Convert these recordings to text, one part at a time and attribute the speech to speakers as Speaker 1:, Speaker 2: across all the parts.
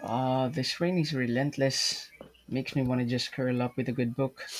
Speaker 1: This rain is relentless. Makes me want to just curl up with a good book.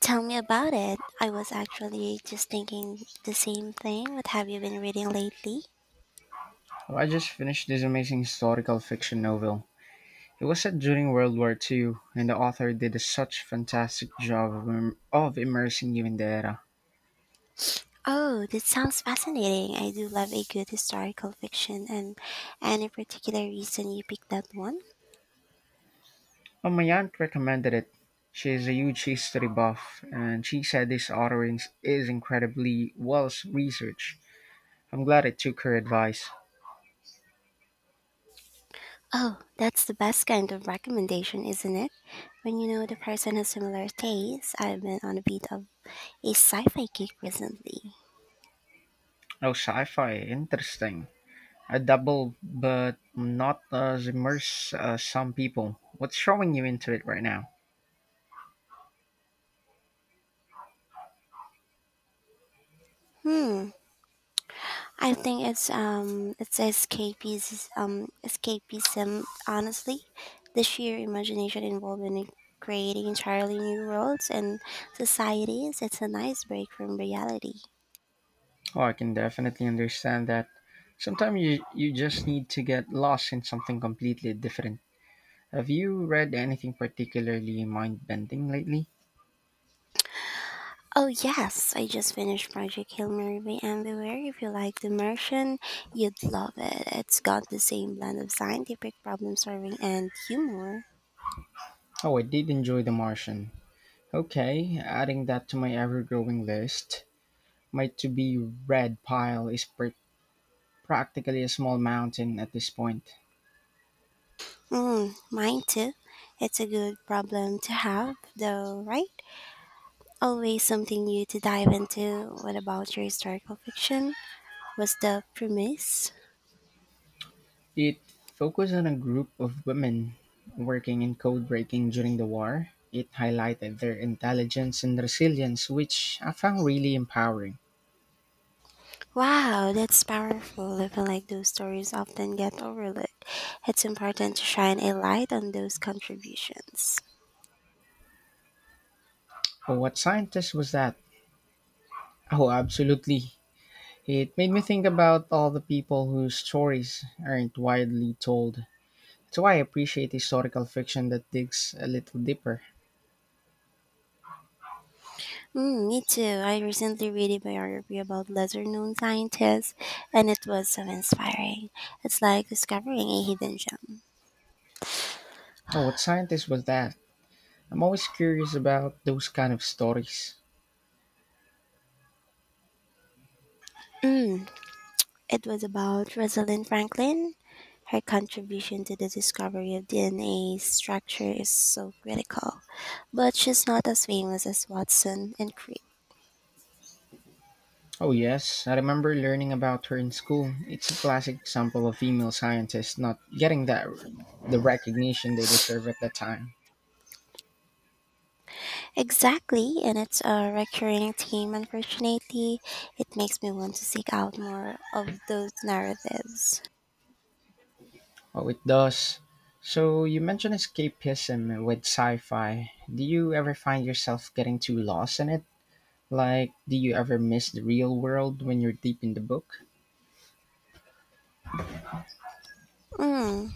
Speaker 2: Tell me about it. I was actually just thinking the same thing. What have you been reading lately?
Speaker 1: Oh, I just finished this amazing historical fiction novel. It was set during World War II, and the author did a such fantastic job of, of immersing you in the era.
Speaker 2: Oh, that sounds fascinating. I do love a good historical fiction. And any particular reason you picked that one?
Speaker 1: Oh, my aunt recommended it. She is a huge history buff, and she said this author is incredibly well researched. I'm glad I took her advice.
Speaker 2: Oh, that's the best kind of recommendation, isn't it? When you know the person has similar tastes. I've been on a bit of a sci-fi kick recently.
Speaker 1: Oh, sci fi, interesting. A double, but not as immersed as some people. What's throwing you into it right now?
Speaker 2: Hmm, I think it's escapism, escapism, honestly, the sheer imagination involved in creating entirely new worlds and societies. It's a nice break from reality.
Speaker 1: Oh, I can definitely understand that. Sometimes you just need to get lost in something completely different. Have you read anything particularly mind bending lately?
Speaker 2: Oh yes, I just finished Project Hail Mary by Anne. If you like The Martian, you'd love it. It's got the same blend of scientific problem solving and humor.
Speaker 1: Oh, I did enjoy The Martian. Okay, adding that to my ever growing list. My to be read pile is practically a small mountain at this point.
Speaker 2: Mm, mine too. It's a good problem to have though, right? Always something new to dive into. What about your historical fiction? Was the premise?
Speaker 1: It focused on a group of women working in code breaking during the war. It highlighted their intelligence and resilience, which I found really empowering.
Speaker 2: Wow, that's powerful. I feel like those stories often get overlooked. It's important to shine a light on those contributions.
Speaker 1: Oh, what scientist was that? Oh, absolutely. It made me think about all the people whose stories aren't widely told. That's why I appreciate historical fiction that digs a little deeper.
Speaker 2: Mm, me too. I recently read a biography about lesser known scientists, and it was so inspiring. It's like discovering a hidden gem.
Speaker 1: Oh, what scientist was that? I'm always curious about those kind of stories.
Speaker 2: Mm, It was about Rosalind Franklin. Her contribution to the discovery of DNA structure is so critical, but she's not as famous as Watson and Crick.
Speaker 1: Oh, yes, I remember learning about her in school. It's a classic example of female scientists not getting that the recognition they deserve at the time.
Speaker 2: Exactly, and it's a recurring theme. Unfortunately, it makes me want to seek out more of those narratives.
Speaker 1: Oh, it does. So, you mentioned escapism with sci fi. Do you ever find yourself getting too lost in it? Like, do you ever miss the real world when you're deep in the book?
Speaker 2: Mm,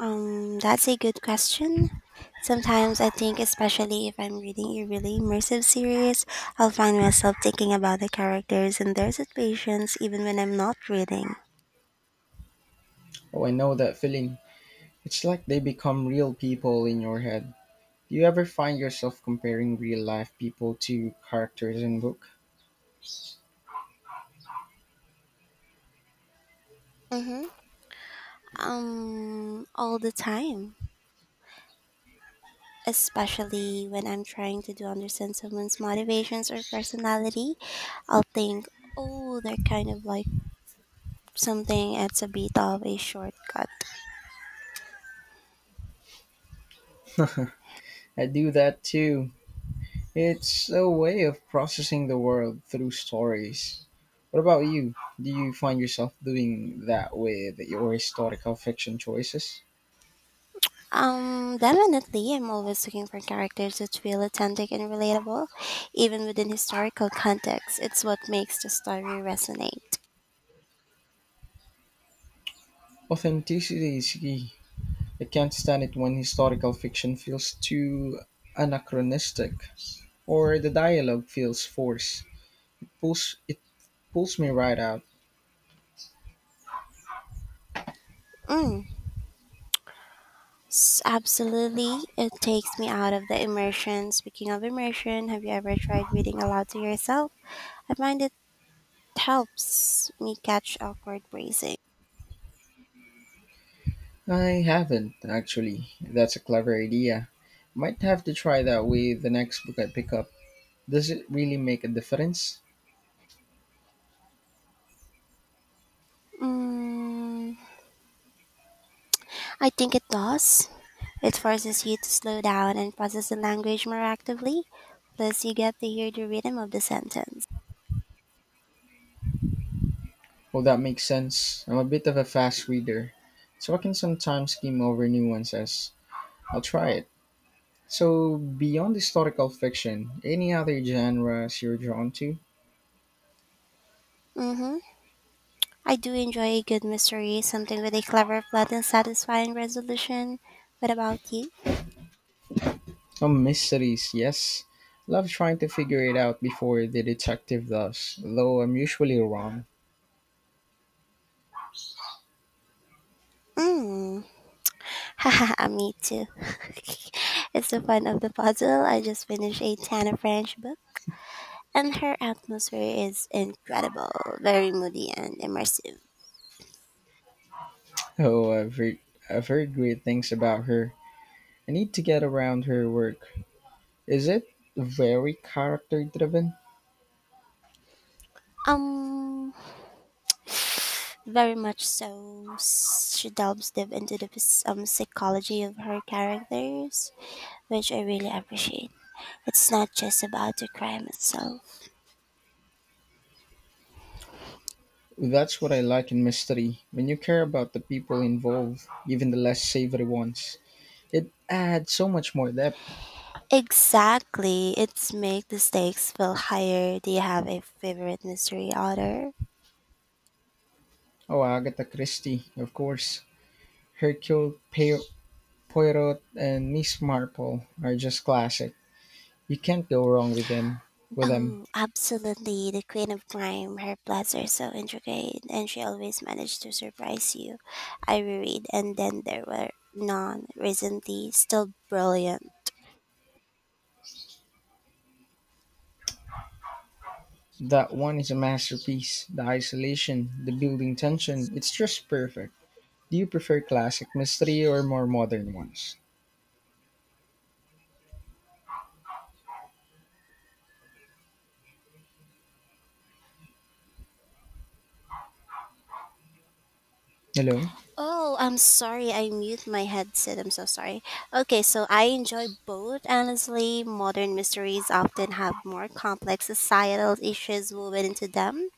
Speaker 2: that's a good question. Sometimes I think, especially if I'm reading a really immersive series, I'll find myself thinking about the characters and their situations even when I'm not reading.
Speaker 1: Oh, I know that feeling. It's like they become real people in your head. Do you ever find yourself comparing real life people to characters in book?
Speaker 2: Mm-hmm. All the time. Especially when I'm trying to do understand someone's motivations or personality, I'll think, oh, they're kind of like something. It's a bit of a shortcut.
Speaker 1: I do that too. It's a way of processing the world through stories. What about you? Do you find yourself doing that with your historical fiction choices?
Speaker 2: Definitely, I'm always looking for characters that feel authentic and relatable, even within historical context. It's what makes the story resonate.
Speaker 1: Authenticity is key. I can't stand it when historical fiction feels too anachronistic or the dialogue feels forced. It pulls me right out.
Speaker 2: Mm, Absolutely, it takes me out of the immersion. Speaking of immersion, have you ever tried reading aloud to yourself? I find it helps me catch awkward phrasing.
Speaker 1: I haven't, actually. That's a clever idea. Might have to try that with the next book I pick up. Does it really make a difference?
Speaker 2: Mm, I think it does. It forces you to slow down and process the language more actively. Plus, you get to hear the rhythm of the sentence.
Speaker 1: Well, that makes sense. I'm a bit of a fast reader, so I can sometimes skim over nuances. I'll try it. So, beyond historical fiction, any other genres you're drawn to?
Speaker 2: Mm-hmm. I do enjoy a good mystery, something with a clever plot and satisfying resolution. What about you?
Speaker 1: Oh, mysteries, yes. Love trying to figure it out before the detective does, though I'm usually wrong.
Speaker 2: Mm. Haha, me too. It's the fun of the puzzle. I just finished a Tana French book, and her atmosphere is incredible, very moody and immersive.
Speaker 1: Oh, I've heard, I've heard great things about her. I need to get around her work. Is it very character driven?
Speaker 2: Um, Very much so. She delves deep into the psychology of her characters, which I really appreciate. It's not just about the crime itself.
Speaker 1: That's what I like in mystery. When you care about the people involved, even the less savory ones, it adds so much more depth.
Speaker 2: Exactly. It's make the stakes feel higher. Do you have a favorite mystery author?
Speaker 1: Oh, Agatha Christie, of course. Hercule Pe- Poirot and Miss Marple are just classic. You can't go wrong with them. With them,
Speaker 2: Oh, absolutely. The Queen of Crime. Her plots are so intricate and she always managed to surprise you. I reread And Then There Were None recently. Still brilliant.
Speaker 1: that one is a masterpiece. The isolation, the building tension, it's just perfect. Do you prefer classic mystery or more modern ones? Hello.
Speaker 2: Oh, I'm sorry. I mute my headset. I'm so sorry. Okay, so I enjoy both. Honestly, modern mysteries often have more complex societal issues woven into them,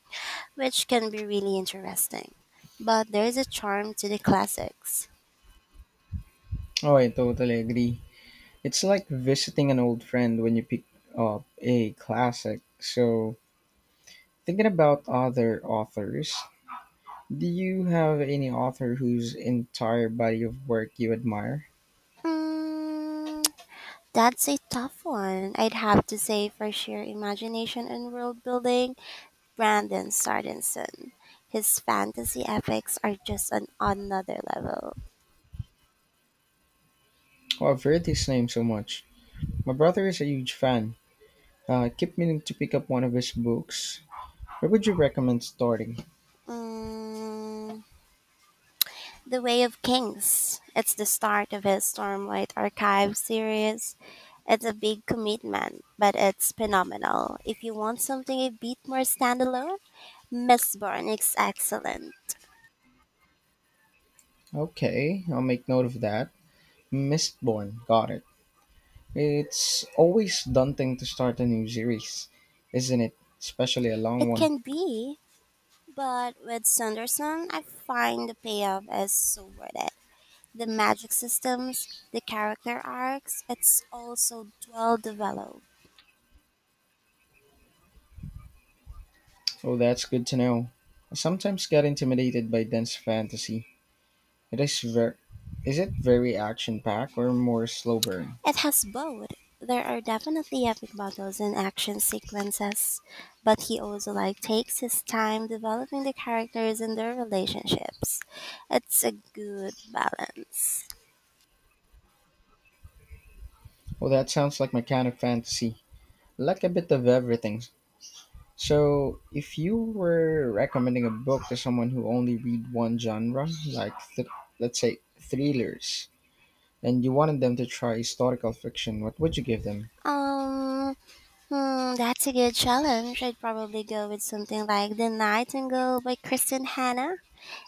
Speaker 2: which can be really interesting. But there is a charm to the classics.
Speaker 1: Oh, I totally agree. It's like visiting an old friend when you pick up a classic. So, thinking about other authors, do you have any author whose entire body of work you admire?
Speaker 2: Mm, that's a tough one. I'd have to say for sheer imagination and world building, Brandon Sanderson. His fantasy epics are just on another level.
Speaker 1: Oh, I've heard his name so much. My brother is a huge fan. I keep meaning to pick up one of his books. Where would you recommend starting?
Speaker 2: Mm, "The Way of Kings," it's the start of his Stormlight Archive series. It's a big commitment, but it's phenomenal. If you want something a bit more standalone, Mistborn is excellent.
Speaker 1: Okay, I'll make note of that. Mistborn, got it. It's always daunting to start a new series, isn't it? Especially a long
Speaker 2: It
Speaker 1: one.
Speaker 2: can be, but with Sanderson, I find the payoff is so worth it. The magic systems, the character arcs, it's all so well developed.
Speaker 1: Oh, that's good to know. I sometimes get intimidated by dense fantasy. It is ver- is it very action packed or more slow burn?
Speaker 2: It has both. There are definitely epic battles and action sequences, but he also like takes his time developing the characters and their relationships. It's a good balance.
Speaker 1: Oh, that sounds like my kind of fantasy. I Like a bit of everything. So, if you were recommending a book to someone who only read one genre, like th- let's say thrillers, and you wanted them to try historical fiction, what would you give them?
Speaker 2: Um, that's a good challenge. I'd probably go with something like The Nightingale by Kristen Hanna.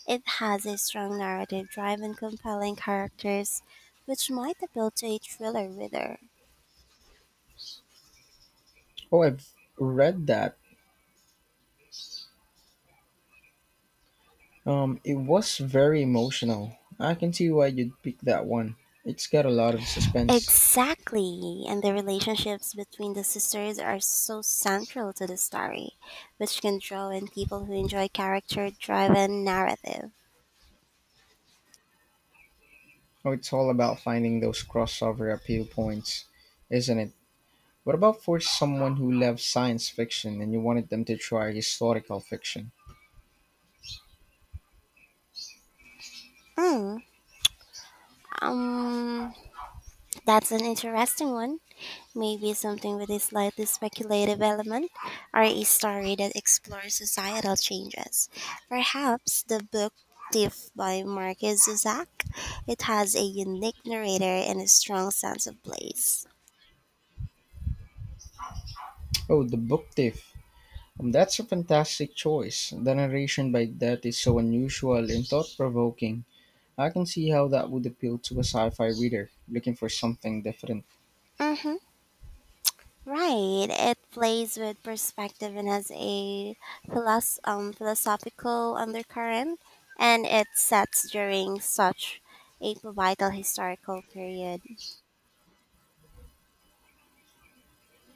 Speaker 2: It has a strong narrative drive and compelling characters, which might appeal to a thriller reader.
Speaker 1: Oh, I've read that it was very emotional. I can see why you'd pick that one. It's got a lot of suspense.
Speaker 2: Exactly, and the relationships between the sisters are so central to the story, which can draw in people who enjoy character driven narrative.
Speaker 1: Oh, it's all about finding those crossover appeal points, isn't it? What about for someone who loves science fiction and you wanted them to try historical fiction?
Speaker 2: Hmm. Um, that's an interesting one. Maybe something with a slightly speculative element, or a story that explores societal changes. Perhaps the book Thief by Marcus Zuzak. It has a unique narrator and a strong sense of place.
Speaker 1: Oh, The Book Thief. That's a fantastic choice. The narration by that is so unusual and thought provoking. I can see how that would appeal to a sci fi reader looking for something different.
Speaker 2: Mm-hmm. Right. It plays with perspective and has a philosophical undercurrent, and it sets during such a vital historical period.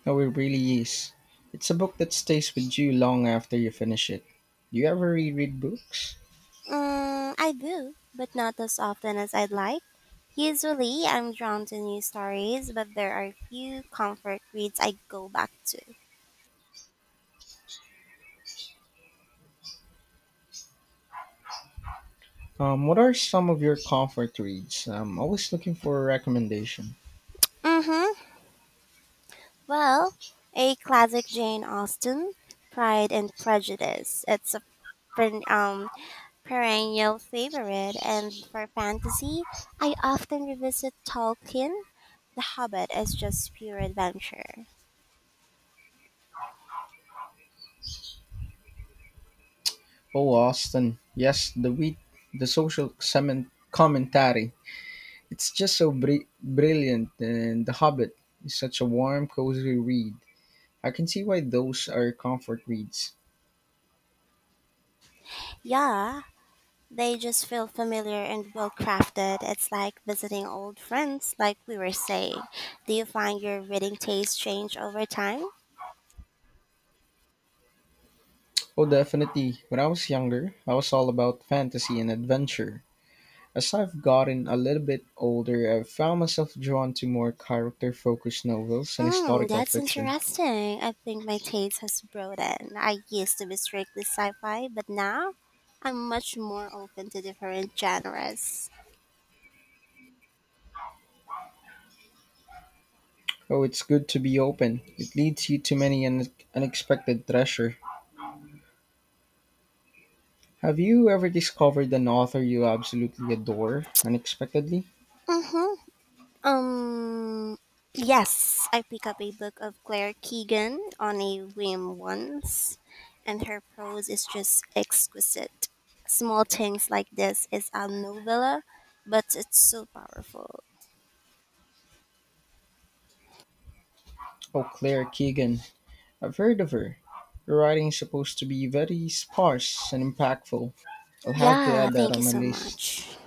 Speaker 1: No, it really is. It's a book that stays with you long after you finish it. Do you ever reread books?
Speaker 2: Mm, I do, but not as often as I'd like. Usually, I'm drawn to new stories, but there are few comfort reads I go back to.
Speaker 1: What are some of your comfort reads? I'm always looking for a recommendation.
Speaker 2: Mm-hmm. Well, a classic Jane Austen, Pride and Prejudice. It's a fin- um perennial favorite, and for fantasy, I often revisit Tolkien. The Hobbit is just pure adventure.
Speaker 1: Oh, Austin. Yes, the wheat, the social commentary. It's just so brilliant, and The Hobbit is such a warm, cozy read. I can see why those are comfort reads.
Speaker 2: Yeah, they just feel familiar and well crafted. It's like visiting old friends, like we were saying. Do you find your reading taste change over time?
Speaker 1: Oh, definitely. When I was younger, I was all about fantasy and adventure. As I've gotten a little bit older, I've found myself drawn to more character focused novels and
Speaker 2: Mm,
Speaker 1: historical
Speaker 2: that's
Speaker 1: fiction.
Speaker 2: interesting. I think my taste has broadened. I used to be strictly sci fi, but now I'm much more open to different genres.
Speaker 1: Oh, it's good to be open. It leads you to many unexpected treasure. Have you ever discovered an author you absolutely adore unexpectedly?
Speaker 2: Mm-hmm. Um, yes, I picked up a book of Claire Keegan on a whim once, and her prose is just exquisite. Small things like this is a novella, but it's so powerful.
Speaker 1: Oh, Claire Keegan. I've heard of her. Her writing is supposed to be very sparse and impactful. I'll have to
Speaker 2: Yeah,
Speaker 1: add that
Speaker 2: thank
Speaker 1: on
Speaker 2: you
Speaker 1: my
Speaker 2: so
Speaker 1: list.
Speaker 2: much.